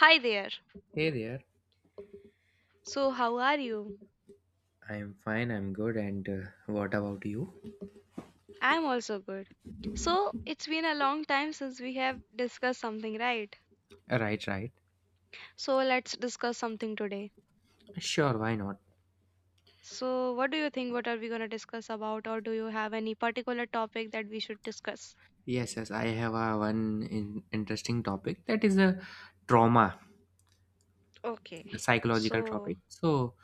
Hi there. Hey there. So, how are you? I'm fine, I'm good, and what about you? I'm also good. So, it's been a long time since we have discussed something, right? Right, right. So, let's discuss something today. Sure, why not? So, what do you think? What are we going to discuss about, or do you have any particular topic that we should discuss? Yes, I have one interesting topic that is a trauma, Okay. a psychological So, topic. So,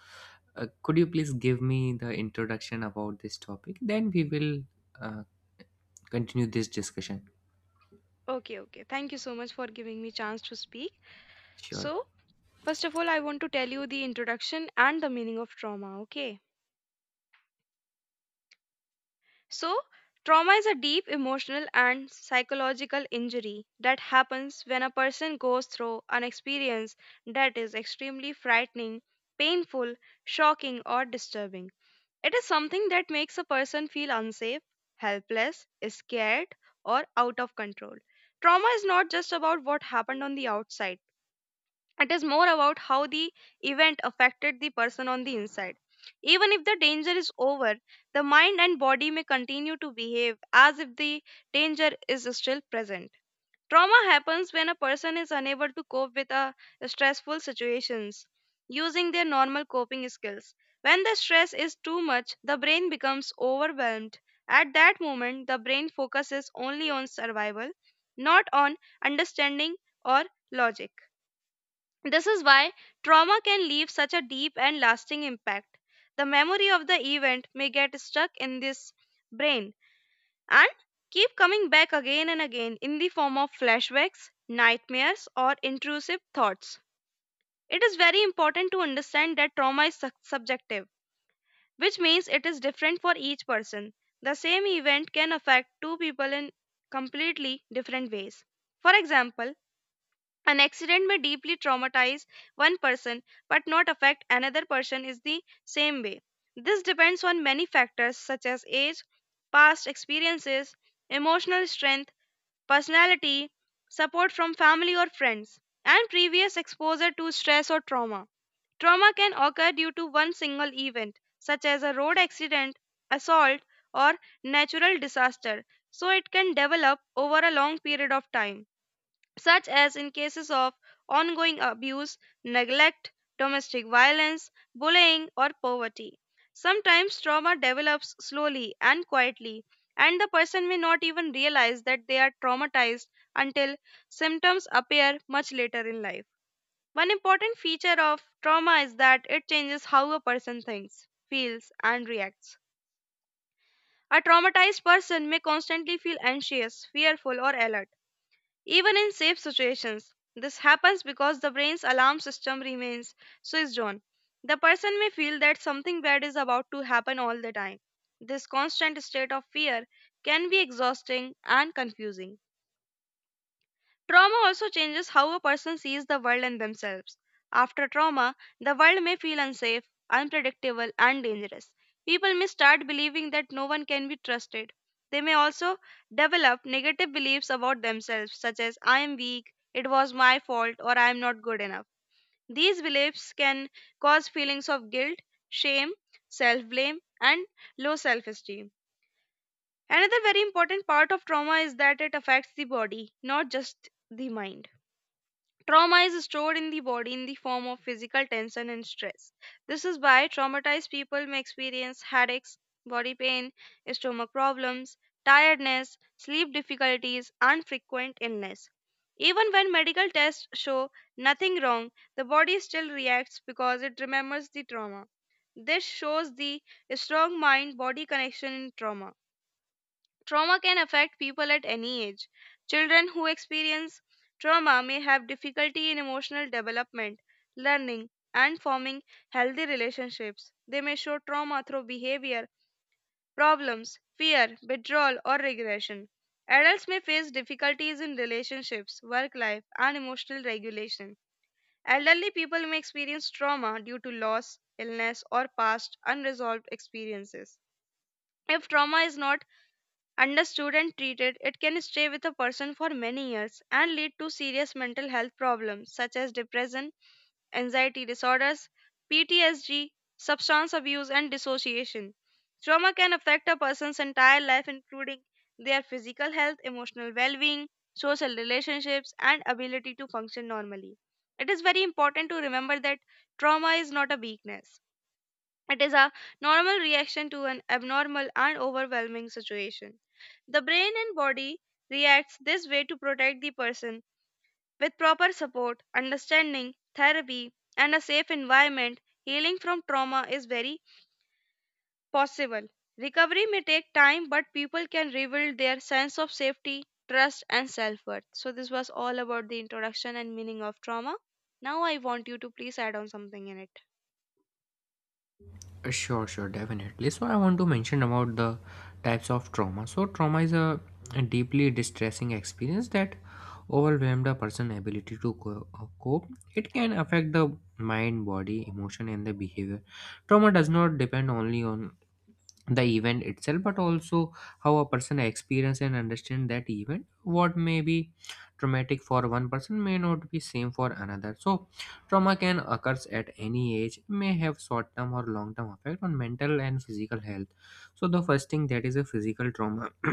could you please give me the introduction about this topic? Then we will uh, continue this discussion. okay, okay. Thank you so much for giving me chance to speak. Sure. So, first of all, I want to tell you the introduction and the meaning of trauma, okay? So, trauma is a deep emotional and psychological injury that happens when a person goes through an experience that is extremely frightening, painful, shocking, or disturbing. It is something that makes a person feel unsafe, helpless, scared, or out of control. Trauma is not just about what happened on the outside. It is more about how the event affected the person on the inside. Even if the danger is over, the mind and body may continue to behave as if the danger is still present. Trauma happens when a person is unable to cope with a stressful situations using their normal coping skills. When the stress is too much, the brain becomes overwhelmed. At that moment, the brain focuses only on survival, not on understanding or logic. This is why trauma can leave such a deep and lasting impact. The memory of the event may get stuck in this brain and keep coming back again and again in the form of flashbacks, nightmares, or intrusive thoughts. It is very important to understand that trauma is subjective, which means it is different for each person. The same event can affect two people in completely different ways. For example, an accident may deeply traumatize one person but not affect another person in the same way. This depends on many factors such as age, past experiences, emotional strength, personality, support from family or friends, and previous exposure to stress or trauma. Trauma can occur due to one single event, such as a road accident, assault, or natural disaster, so it can develop over a long period of time such as in cases of ongoing abuse, neglect, domestic violence, bullying, or poverty. Sometimes trauma develops slowly and quietly, and the person may not even realize that they are traumatized until symptoms appear much later in life. One important feature of trauma is that it changes how a person thinks, feels, and reacts. A traumatized person may constantly feel anxious, fearful, or alert even in safe situations. This happens because the brain's alarm system remains switched on. The person may feel that something bad is about to happen all the time. This constant state of fear can be exhausting and confusing. Trauma also changes how a person sees the world and themselves. After trauma, the world may feel unsafe, unpredictable, and dangerous. People may start believing that no one can be trusted. They may also develop negative beliefs about themselves, such as I am weak, it was my fault, or I am not good enough. These beliefs can cause feelings of guilt, shame, self blame, and low self esteem. Another very important part of trauma is that it affects the body, not just the mind. Trauma is stored in the body in the form of physical tension and stress. This is why traumatized people may experience headaches, body pain, stomach problems, tiredness, sleep difficulties, and frequent illness. Even when medical tests show nothing wrong, the body still reacts because it remembers the trauma. This shows the strong mind body connection in trauma. Trauma can affect people at any age. Children who experience trauma may have difficulty in emotional development, learning, and forming healthy relationships. They may show trauma through behavior, problems, fear, withdrawal, or regression. Adults may face difficulties in relationships, work life, and emotional regulation. Elderly people may experience trauma due to loss, illness, or past unresolved experiences. If trauma is not understood and treated, it can stay with a person for many years and lead to serious mental health problems such as depression, anxiety disorders, PTSD, substance abuse, and dissociation. Trauma can affect a person's entire life, including their physical health, emotional well being, social relationships, and ability to function normally. It is very important to remember that trauma is not a weakness, it is a normal reaction to an abnormal and overwhelming situation. The brain and body reacts this way to protect the person. With proper support, understanding, therapy, and a safe environment, healing from trauma is very possible. Recovery may take time, but people can rebuild their sense of safety, trust, and self worth. So, this was all about the introduction and meaning of trauma. Now, I want you to please add on something in it. Sure, definitely. So, I want to mention about the types of trauma. So, trauma is a deeply distressing experience that overwhelmed a person's ability to cope. It can affect the mind, body, emotion, and the behavior. Trauma does not depend only on the event itself but also how a person experience and understand that event, what may be traumatic for one person may not be same for another. So trauma can occurs at any age, may have short term or long term effect on mental and physical health. So the first thing, that is a physical trauma.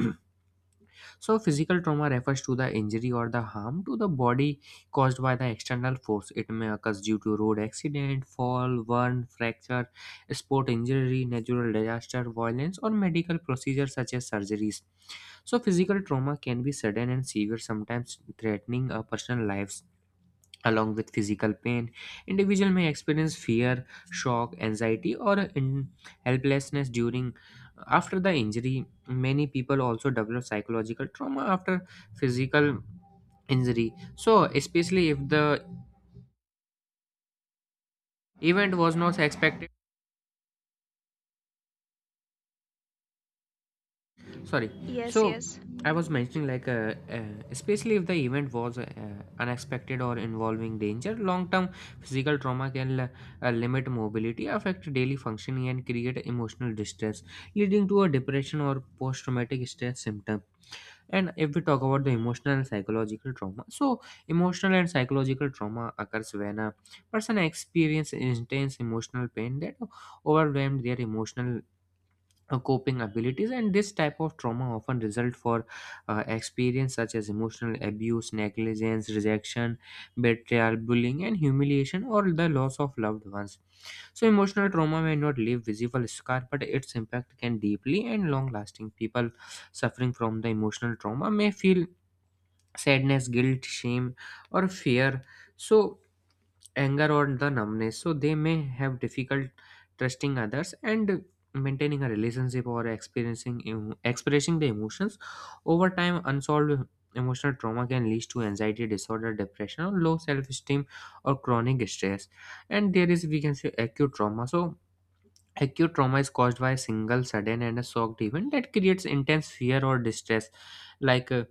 So, physical trauma refers to the injury or the harm to the body caused by the external force. It may occur due to road accident, fall, burn, fracture, sport injury, natural disaster, violence, or medical procedures such as surgeries. So, physical trauma can be sudden and severe, sometimes threatening a person's lives. Along with physical pain, individual may experience fear, shock, anxiety, or in helplessness during after the injury. Many people also develop psychological trauma after physical injury, so especially if the event was not expected. Sorry. Yes, So yes. I was mentioning like especially if the event was unexpected or involving danger, long-term physical trauma can limit mobility, affect daily functioning, and create emotional distress, leading to a depression or post-traumatic stress symptom. And if we talk about the emotional and psychological trauma, so emotional and psychological trauma occurs when a person experiences intense emotional pain that overwhelmed their emotional coping abilities. And this type of trauma often result for experience such as emotional abuse, negligence, rejection, betrayal, bullying, and humiliation, or the loss of loved ones. So emotional trauma may not leave visible scar, but its impact can deeply and long lasting. People suffering from the emotional trauma may feel sadness, guilt, shame, or fear, so anger or the numbness. So they may have difficult trusting others and maintaining a relationship, or experiencing expressing the emotions. Over time, unsolved emotional trauma can lead to anxiety disorder, depression, or low self-esteem, or chronic stress. And there is, we can say, acute trauma. So acute trauma is caused by a single sudden and a shocked event that creates intense fear or distress, like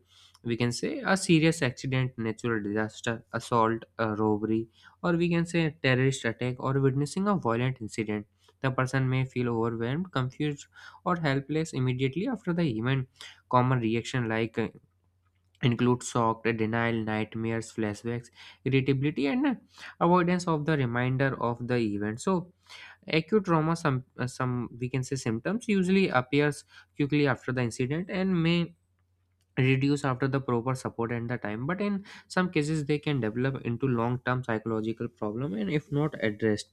we can say a serious accident, natural disaster, assault, a robbery, or we can say a terrorist attack or witnessing a violent incident. The person may feel overwhelmed, confused, or helpless immediately after the event. Common reaction like include shock, denial, nightmares, flashbacks, irritability, and avoidance of the reminder of the event. So acute trauma, some we can say symptoms usually appears quickly after the incident and may reduce after the proper support and the time, but in some cases they can develop into long term psychological problem and if not addressed.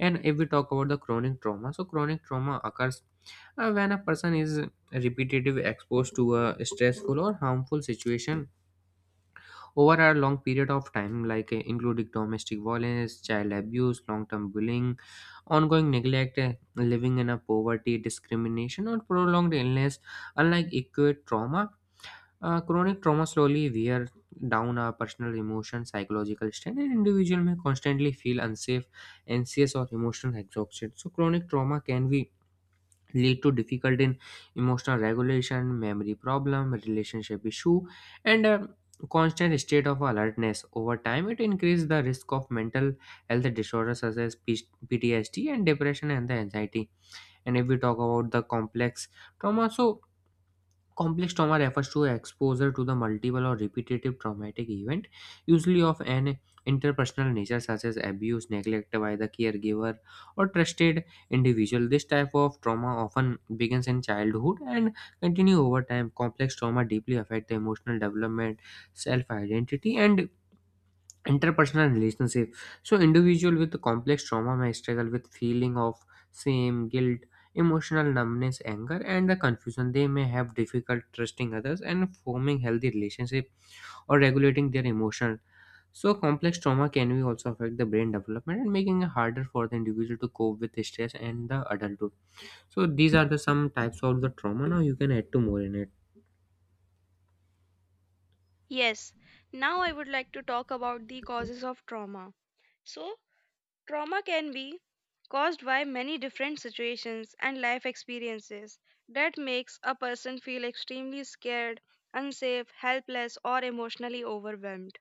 And if we talk about the chronic trauma, so chronic trauma occurs when a person is repetitive exposed to a stressful or harmful situation over a long period of time, like including domestic violence, child abuse, long term bullying, ongoing neglect, eh, living in a poverty, discrimination, or prolonged illness. Unlike acute trauma, chronic trauma slowly wear down our personal emotion, psychological strength, and individual may constantly feel unsafe, anxious, or emotional exhaustion. So, chronic trauma can be lead to difficult in emotional regulation, memory problem, relationship issue, and a constant state of alertness. Over time it increases the risk of mental health disorders such as PTSD and depression and the anxiety. And if we talk about the complex trauma, so complex trauma refers to exposure to the multiple or repetitive traumatic event, usually of an interpersonal nature such as abuse, neglect by the caregiver, or trusted individual. This type of trauma often begins in childhood and continue over time. Complex trauma deeply affect the emotional development, self-identity, and interpersonal relationship. So individual with complex trauma may struggle with feeling of shame, guilt, emotional numbness, anger, and the confusion. They may have difficult trusting others and forming healthy relationship, or regulating their emotion. So complex trauma can be also affect the brain development, and making it harder for the individual to cope with stress and the adulthood. So these are the some types of the trauma. Now you can add to more in it. Yes, now I would like to talk about the causes of trauma. So, trauma can be caused by many different situations and life experiences that makes a person feel extremely scared, unsafe, helpless or emotionally overwhelmed.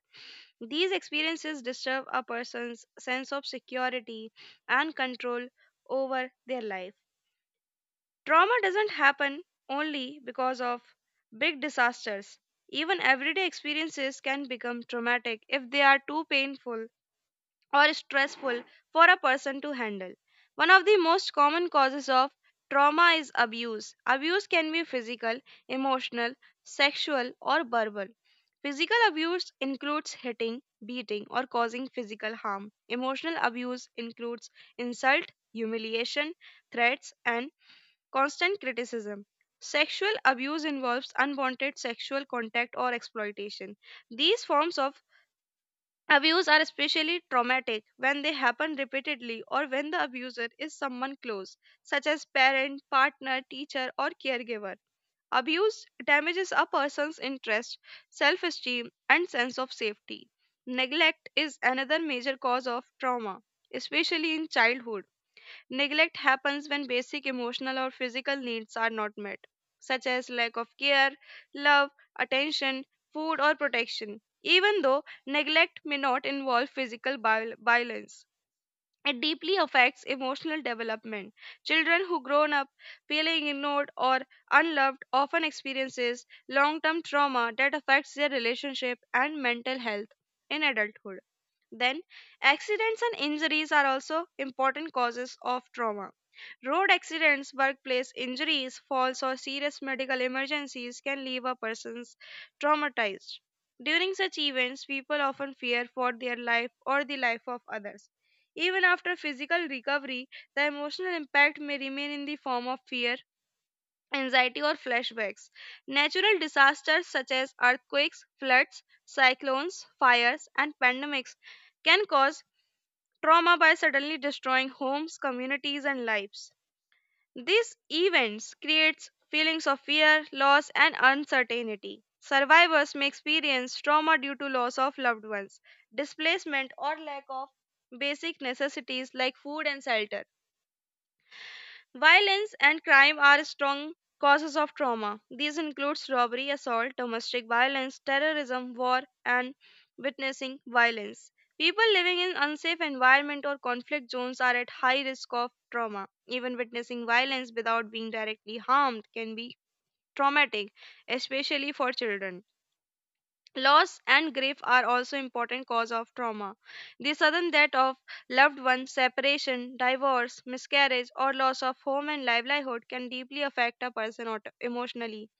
These experiences disturb a person's sense of security and control over their life. Trauma doesn't happen only because of big disasters. Even everyday experiences can become traumatic if they are too painful or stressful for a person to handle. One of the most common causes of trauma is abuse. Abuse can be physical, emotional, sexual, or verbal. Physical abuse includes hitting, beating, or causing physical harm. Emotional abuse includes insult, humiliation, threats, and constant criticism. Sexual abuse involves unwanted sexual contact or exploitation. These forms of abuse are especially traumatic when they happen repeatedly or when the abuser is someone close, such as parent, partner, teacher, or caregiver. Abuse damages a person's interest, self esteem, and sense of safety. Neglect is another major cause of trauma, especially in childhood. Neglect happens when basic emotional or physical needs are not met, such as lack of care, love, attention, food, or protection. Even though neglect may not involve physical violence, it deeply affects emotional development. Children who grow up feeling ignored or unloved often experiences long-term trauma that affects their relationship and mental health in adulthood. Then, accidents and injuries are also important causes of trauma. Road accidents, workplace injuries, falls, or serious medical emergencies can leave a person traumatized. During such events, people often fear for their life or the life of others. Even after physical recovery, the emotional impact may remain in the form of fear, anxiety, or flashbacks. Natural disasters such as earthquakes, floods, cyclones, fires, and pandemics can cause trauma by suddenly destroying homes, communities, and lives. These events creates feelings of fear, loss and uncertainty. Survivors may experience trauma due to loss of loved ones, displacement or lack of basic necessities like food and shelter. Violence and crime are strong causes of trauma. These includes robbery, assault, domestic violence, terrorism, war, and witnessing violence. People living in unsafe environment or conflict zones are at high risk of trauma. Even witnessing violence without being directly harmed can be traumatic, especially for children. Loss and grief are also important cause of trauma. The sudden death of loved ones, separation, divorce, miscarriage, or loss of home and livelihood can deeply affect a person emotionally.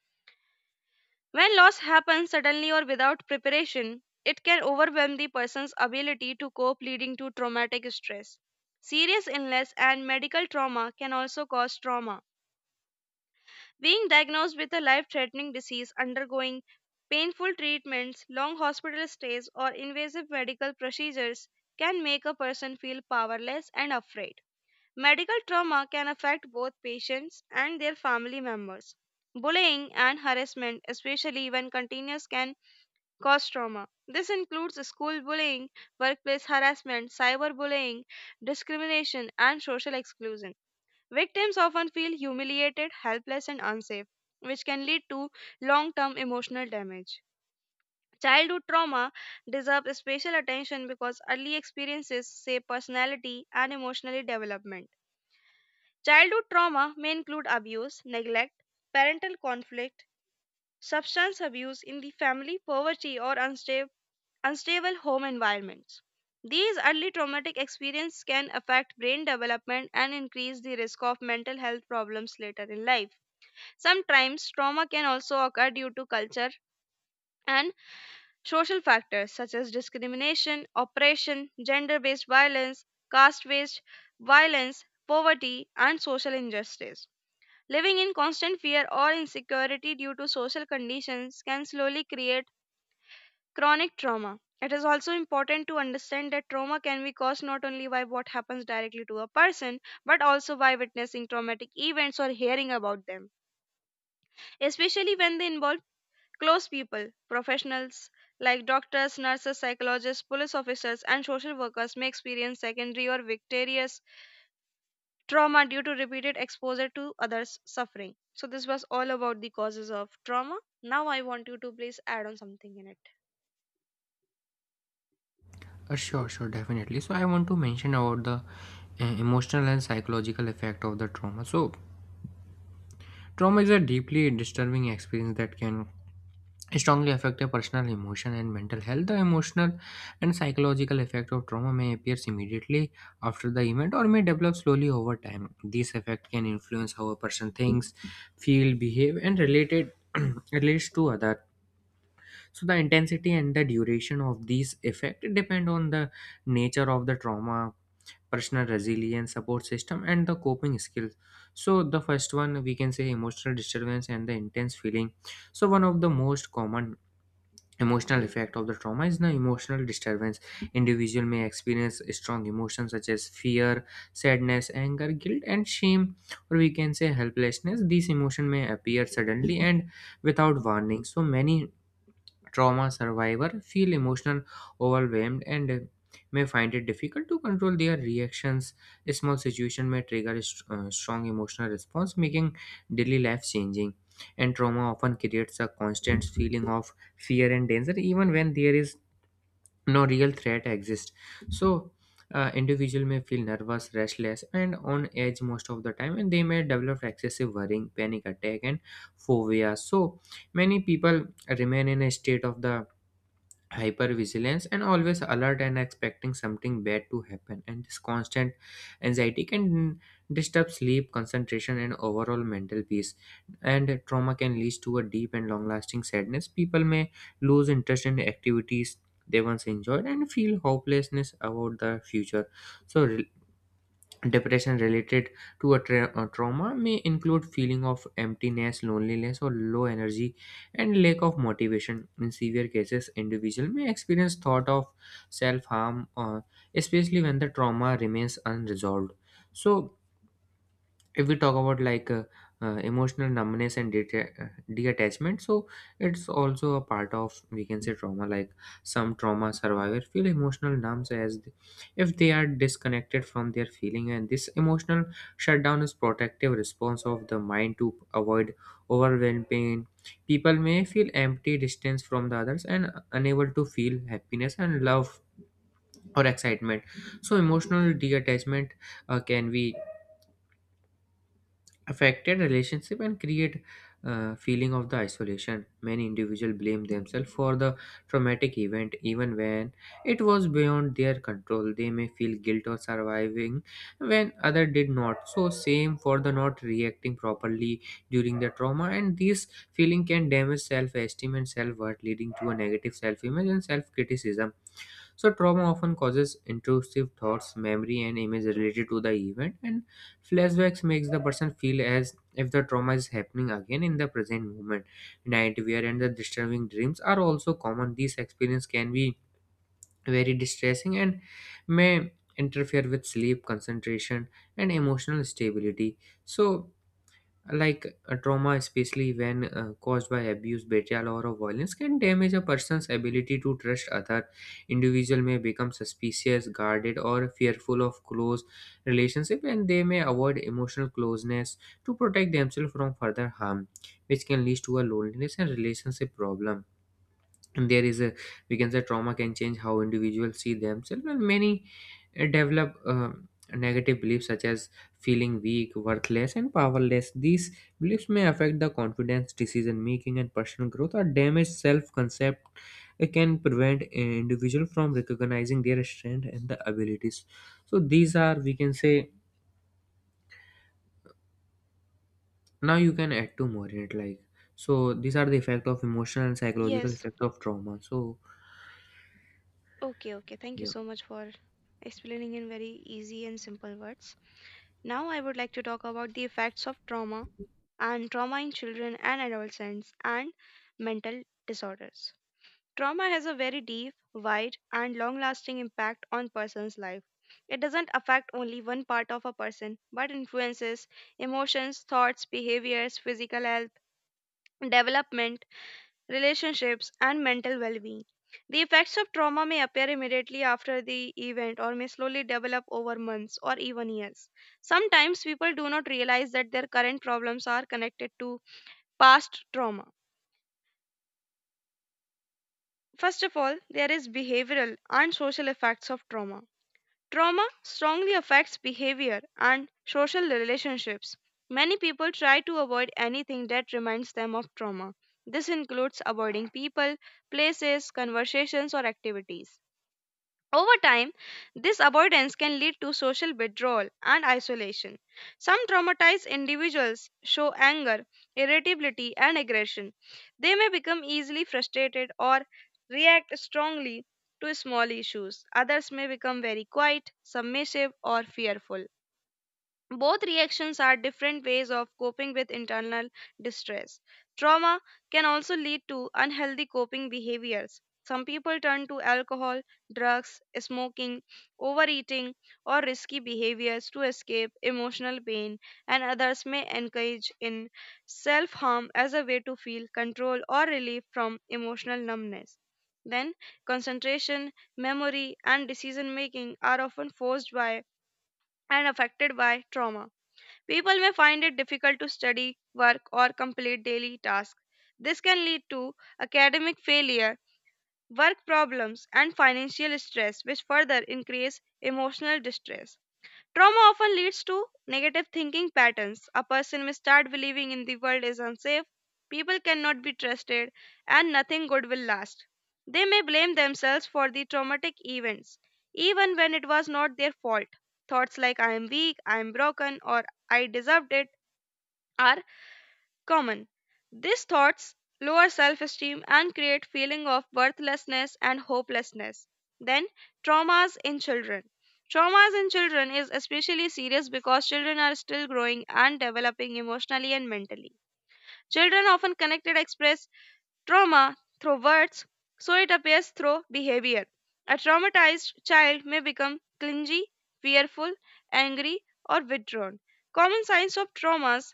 When loss happens suddenly or without preparation, it can overwhelm the person's ability to cope, leading to traumatic stress. Serious illness and medical trauma can also cause trauma. Being diagnosed with a life threatening disease, undergoing painful treatments, long hospital stays, or invasive medical procedures can make a person feel powerless and afraid. Medical trauma can affect both patients and their family members. Bullying and harassment, especially when continuous, can cause trauma. This includes school bullying, workplace harassment, cyberbullying, discrimination, and social exclusion. Victims often feel humiliated, helpless, and unsafe, which can lead to long term emotional damage. Childhood trauma deserves special attention because early experiences shape personality and emotional development. Childhood trauma may include abuse, neglect, parental conflict, substance abuse in the family, poverty, or unstable home environments. These early traumatic experiences can affect brain development and increase the risk of mental health problems later in life. Sometimes trauma can also occur due to culture and social factors such as discrimination, oppression, gender based violence, caste based violence, poverty, and social injustice. Living in constant fear or insecurity due to social conditions can slowly create chronic trauma. It is also important to understand that trauma can be caused not only by what happens directly to a person, but also by witnessing traumatic events or hearing about them, especially when they involve close people. Professionals like doctors, nurses, psychologists, police officers, and social workers may experience secondary or vicarious trauma due to repeated exposure to others' suffering. So, this was all about the causes of trauma. Now, I want you to please add on something in it. Sure, definitely. So I want to mention about the emotional and psychological effect of the trauma. So trauma is a deeply disturbing experience that can strongly affect a personal emotion and mental health. The emotional and psychological effect of trauma may appear immediately after the event or may develop slowly over time. This effect can influence how a person thinks, feel, behave, and related relates to other. So the intensity and the duration of these effect depend on the nature of the trauma, personal resilience, support system, and the coping skills. So the first one, we can say, emotional disturbance and the intense feeling. So one of the most common emotional effect of the trauma is the emotional disturbance. Individual may experience strong emotions such as fear, sadness, anger, guilt, and shame, or we can say helplessness. These emotions may appear suddenly and without warning. So many trauma survivor feel emotional overwhelmed and may find it difficult to control their reactions. A small situation may trigger a strong emotional response, making daily life changing. And trauma often creates a constant feeling of fear and danger even when there is no real threat exists. So individual may feel nervous, restless, and on edge most of the time, and they may develop excessive worrying, panic attack, and phobia. So many people remain in a state of the hypervigilance and always alert and expecting something bad to happen, and this constant anxiety can disturb sleep, concentration, and overall mental peace. And trauma can lead to a deep and long lasting sadness. People may lose interest in activities they once enjoyed and feel hopelessness about the future. So depression related to a trauma may include feeling of emptiness, loneliness, or low energy and lack of motivation. In severe cases, individual may experience thought of self harm, especially when the trauma remains unresolved. So, if we talk about like emotional numbness and detachment, so it's also a part of we can say trauma. Like some trauma survivors feel emotional numbs as if they are disconnected from their feeling, and this emotional shutdown is protective response of the mind to avoid overwhelming pain. People may feel empty, distance from the others, and unable to feel happiness and love or excitement. So emotional detachment can be affected relationship and create feeling of the isolation. Many individual blame themselves for the traumatic event even when it was beyond their control. They may feel guilt or surviving when other did not, so same for the not reacting properly during the trauma, and this feeling can damage self-esteem and self-worth, leading to a negative self-image and self-criticism. So, trauma often causes intrusive thoughts, memory, and image related to the event, and flashbacks makes the person feel as if the trauma is happening again in the present moment. Nightwear and the disturbing dreams are also common. These experiences can be very distressing and may interfere with sleep, concentration, and emotional stability. So, like a trauma, especially when caused by abuse, betrayal, or a violence, can damage a person's ability to trust other. Individual may become suspicious, guarded, or fearful of close relationship, and they may avoid emotional closeness to protect themselves from further harm, which can lead to a loneliness and relationship problem. And there is a, we can say, trauma can change how individuals see themselves, and many develop negative beliefs such as feeling weak, worthless, and powerless. These beliefs may affect the confidence, decision making, and personal growth, or damaged self-concept. It can prevent an individual from recognizing their strength and the abilities. So these are, we can say, now you can add two more in it, like, so these are the effect of emotional and psychological Yes. effect of trauma. So Okay, okay. Thank you yeah. so much for explaining in very easy and simple words. Now, I would like to talk about the effects of trauma and trauma in children and adolescents and mental disorders. Trauma has a very deep, wide, and long lasting impact on person's life. It doesn't affect only one part of a person, but influences emotions, thoughts, behaviors, physical health, development, relationships, and mental well being. The effects of trauma may appear immediately after the event or may slowly develop over months or even years. Sometimes people do not realize that their current problems are connected to past trauma. First of all, there is behavioral and social effects of trauma. Trauma strongly affects behavior and social relationships. Many people try to avoid anything that reminds them of trauma. This includes avoiding people, places, conversations, or activities. Over time, this avoidance can lead to social withdrawal and isolation. Some traumatized individuals show anger, irritability, and aggression. They may become easily frustrated or react strongly to small issues. Others may become very quiet, submissive, or fearful. Both reactions are different ways of coping with internal distress. Trauma can also lead to unhealthy coping behaviors. Some people turn to alcohol, drugs, smoking, overeating, or risky behaviors to escape emotional pain, and others may engage in self harm as a way to feel control or relief from emotional numbness. Then, concentration, memory, and decision making are often forced by and affected by trauma. People may find it difficult to study, work, or complete daily tasks. This can lead to academic failure, work problems, and financial stress, which further increase emotional distress. Trauma often leads to negative thinking patterns. A person may start believing in the world is unsafe, people cannot be trusted, and nothing good will last. They may blame themselves for the traumatic events, even when it was not their fault. Thoughts like I am weak, I am broken, or I deserved it are common. These thoughts lower self-esteem and create feeling of worthlessness and hopelessness. Then, traumas in children. Traumas in children is especially serious because children are still growing and developing emotionally and mentally. Children often connected express trauma through words, so it appears through behavior. A traumatized child may become clingy, fearful, angry, or withdrawn. Common signs of traumas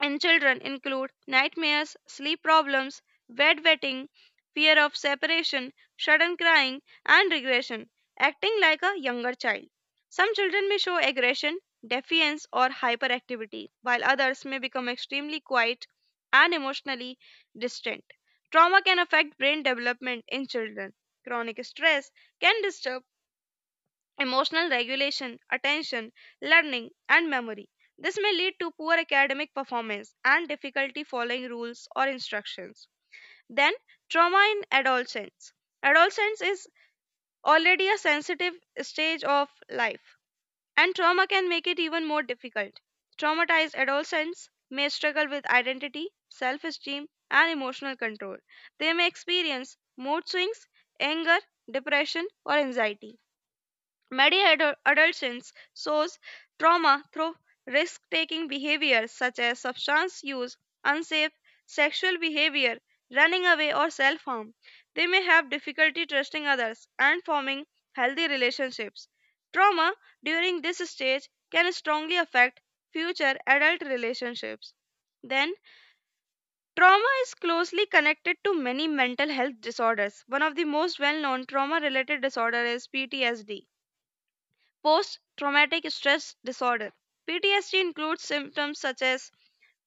in children include nightmares, sleep problems, bedwetting, fear of separation, sudden crying, and regression, acting like a younger child. Some children may show aggression, defiance, or hyperactivity, while others may become extremely quiet and emotionally distant. Trauma can affect brain development in children. Chronic stress can disturb emotional regulation, attention, learning, and memory. This may lead to poor academic performance and difficulty following rules or instructions. Then, trauma in adolescence. Adolescence is already a sensitive stage of life, and trauma can make it even more difficult. Traumatized adolescents may struggle with identity, self esteem, and emotional control. They may experience mood swings, anger, depression, or anxiety. Many adolescents shows trauma through risk-taking behaviors such as substance use, unsafe sexual behavior, running away, or self-harm. They may have difficulty trusting others and forming healthy relationships. Trauma during this stage can strongly affect future adult relationships. Then, trauma is closely connected to many mental health disorders. One of the most well-known trauma-related disorder is PTSD. Post traumatic stress disorder. PTSD includes symptoms such as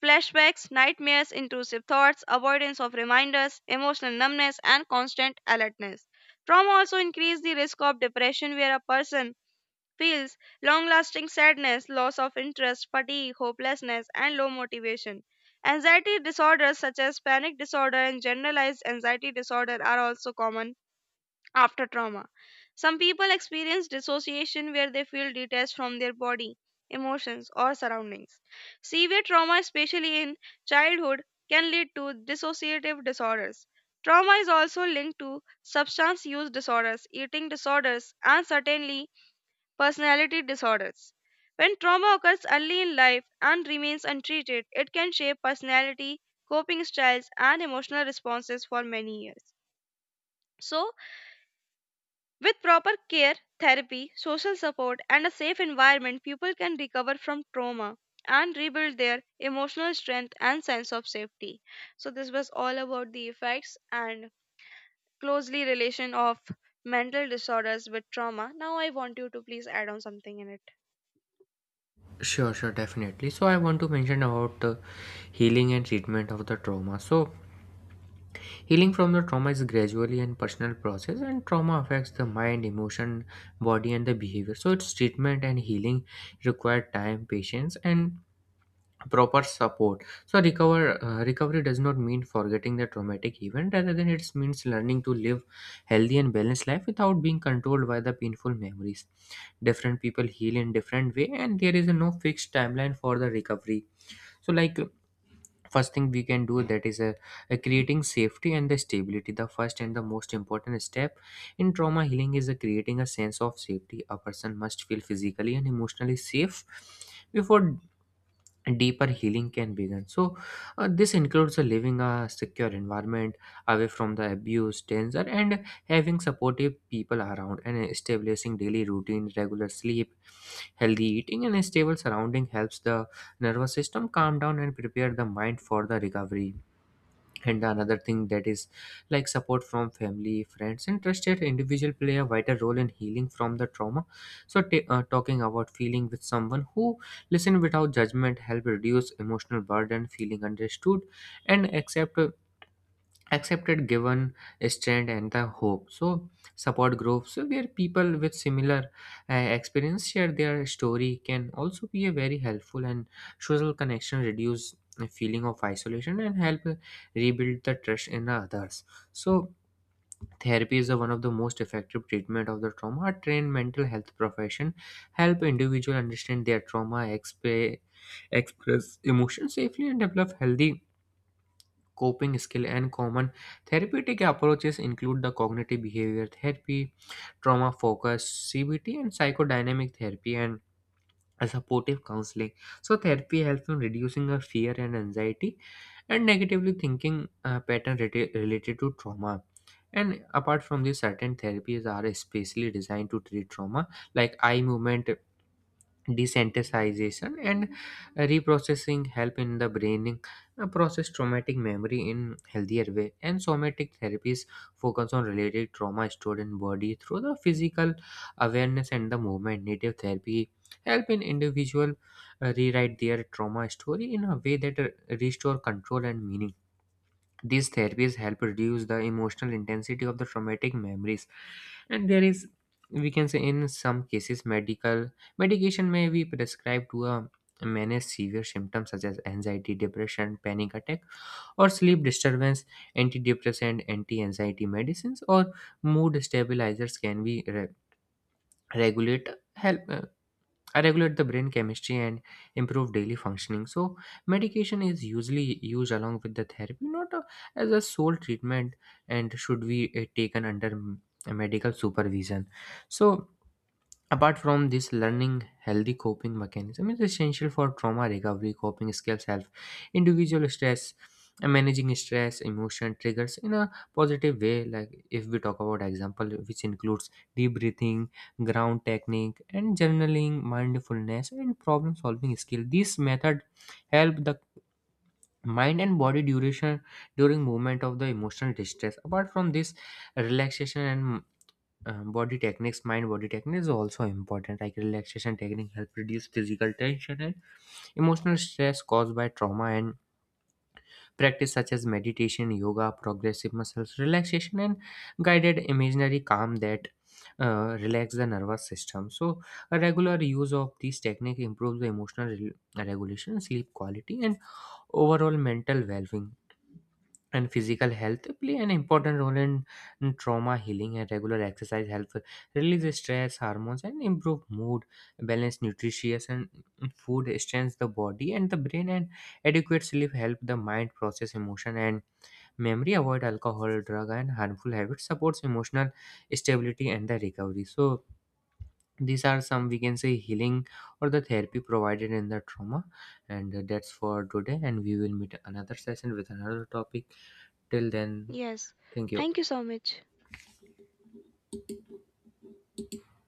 flashbacks, nightmares, intrusive thoughts, avoidance of reminders, emotional numbness, and constant alertness. Trauma also increases the risk of depression, where a person feels long lasting sadness, loss of interest, fatigue, hopelessness, and low motivation. Anxiety disorders such as panic disorder and generalized anxiety disorder are also common after trauma. Some people experience dissociation where they feel detached from their body, emotions, or surroundings. Severe trauma, especially in childhood, can lead to dissociative disorders. Trauma is also linked to substance use disorders, eating disorders, and certainly personality disorders. When trauma occurs early in life and remains untreated, it can shape personality, coping styles, and emotional responses for many years. So, with proper care, therapy, social support, and a safe environment, people can recover from trauma and rebuild their emotional strength and sense of safety. So this was all about the effects and closely relation of mental disorders with trauma. Now I want you to please add on something in it. Sure, sure, definitely. So, I want to mention about the healing and treatment of the trauma. So, healing from the trauma is gradually and personal process, and trauma affects the mind, emotion, body, and the behavior. So, its treatment and healing require time, patience, and proper support. So recovery does not mean forgetting the traumatic event, rather than it means learning to live healthy and balanced life without being controlled by the painful memories. Different people heal in different way, and there is a no fixed timeline for the recovery. So like first thing we can do, that is a creating safety and the stability. The first and the most important step in trauma healing is a creating a sense of safety. A person must feel physically and emotionally safe before and deeper healing can begin. So, this includes living a secure environment away from the abuse, danger, and having supportive people around, and establishing daily routine, regular sleep, healthy eating, and a stable surrounding helps the nervous system calm down and prepare the mind for the recovery. And the another thing that is like support from family, friends, and trusted individual play a vital role in healing from the trauma. So talking about feeling with someone who listen without judgment help reduce emotional burden, feeling understood and accepted, given strength and the hope. So support groups where people with similar experience share their story can also be a very helpful, and social connection reduce a feeling of isolation and help rebuild the trust in others. So therapy is the one of the most effective treatment of the trauma. A trained mental health profession help individual understand their express emotion safely, and develop healthy coping skill. And common therapeutic approaches include the cognitive behavior therapy, trauma focus CBT, and psychodynamic therapy, and a supportive counseling. So therapy helps in reducing our fear and anxiety, and negatively thinking pattern related to trauma. And apart from this, certain therapies are especially designed to treat trauma, like eye movement desensitization and reprocessing help in the braining process traumatic memory in healthier way. And somatic therapies focus on related trauma stored in body through the physical awareness and the movement. Native therapy help in individual rewrite their trauma story in a way that restore control and meaning. These therapies help reduce the emotional intensity of the traumatic memories, and there is, we can say, in some cases medical medication may be prescribed to manage severe symptoms such as anxiety, depression, panic attack, or sleep disturbance. Antidepressant, anti-anxiety medicines, or mood stabilizers can be regulate, help I regulate the brain chemistry and improve daily functioning. So medication is usually used along with the therapy, not a, as a sole treatment, and should be taken under medical supervision. So apart from this, learning healthy coping mechanism is essential for trauma recovery. Coping skills help individual stress, and managing stress, emotion triggers in a positive way. Like if we talk about example, which includes deep breathing, ground technique, and journaling, mindfulness, and problem solving skill. This method help the mind and body duration during movement of the emotional distress. Apart from this, relaxation and body techniques, mind body techniques, is also important. Like relaxation technique help reduce physical tension and emotional stress caused by trauma, and practice such as meditation, yoga, progressive muscles relaxation, and guided imaginary calm that relax the nervous system. So a regular use of these technique improves the emotional regulation, sleep quality, and overall mental well being. And physical health play an important role in trauma healing, and regular exercise help release stress hormones and improve mood. Balanced nutritious and food strengthens the body and the brain, and adequate sleep help the mind process emotion and memory. Avoid alcohol, drug, and harmful habits supports emotional stability and the recovery. So these are some, we can say, healing or the therapy provided in the trauma. And that's for today, and we will meet another session with another topic. Till then, Yes. thank you. Thank you so much.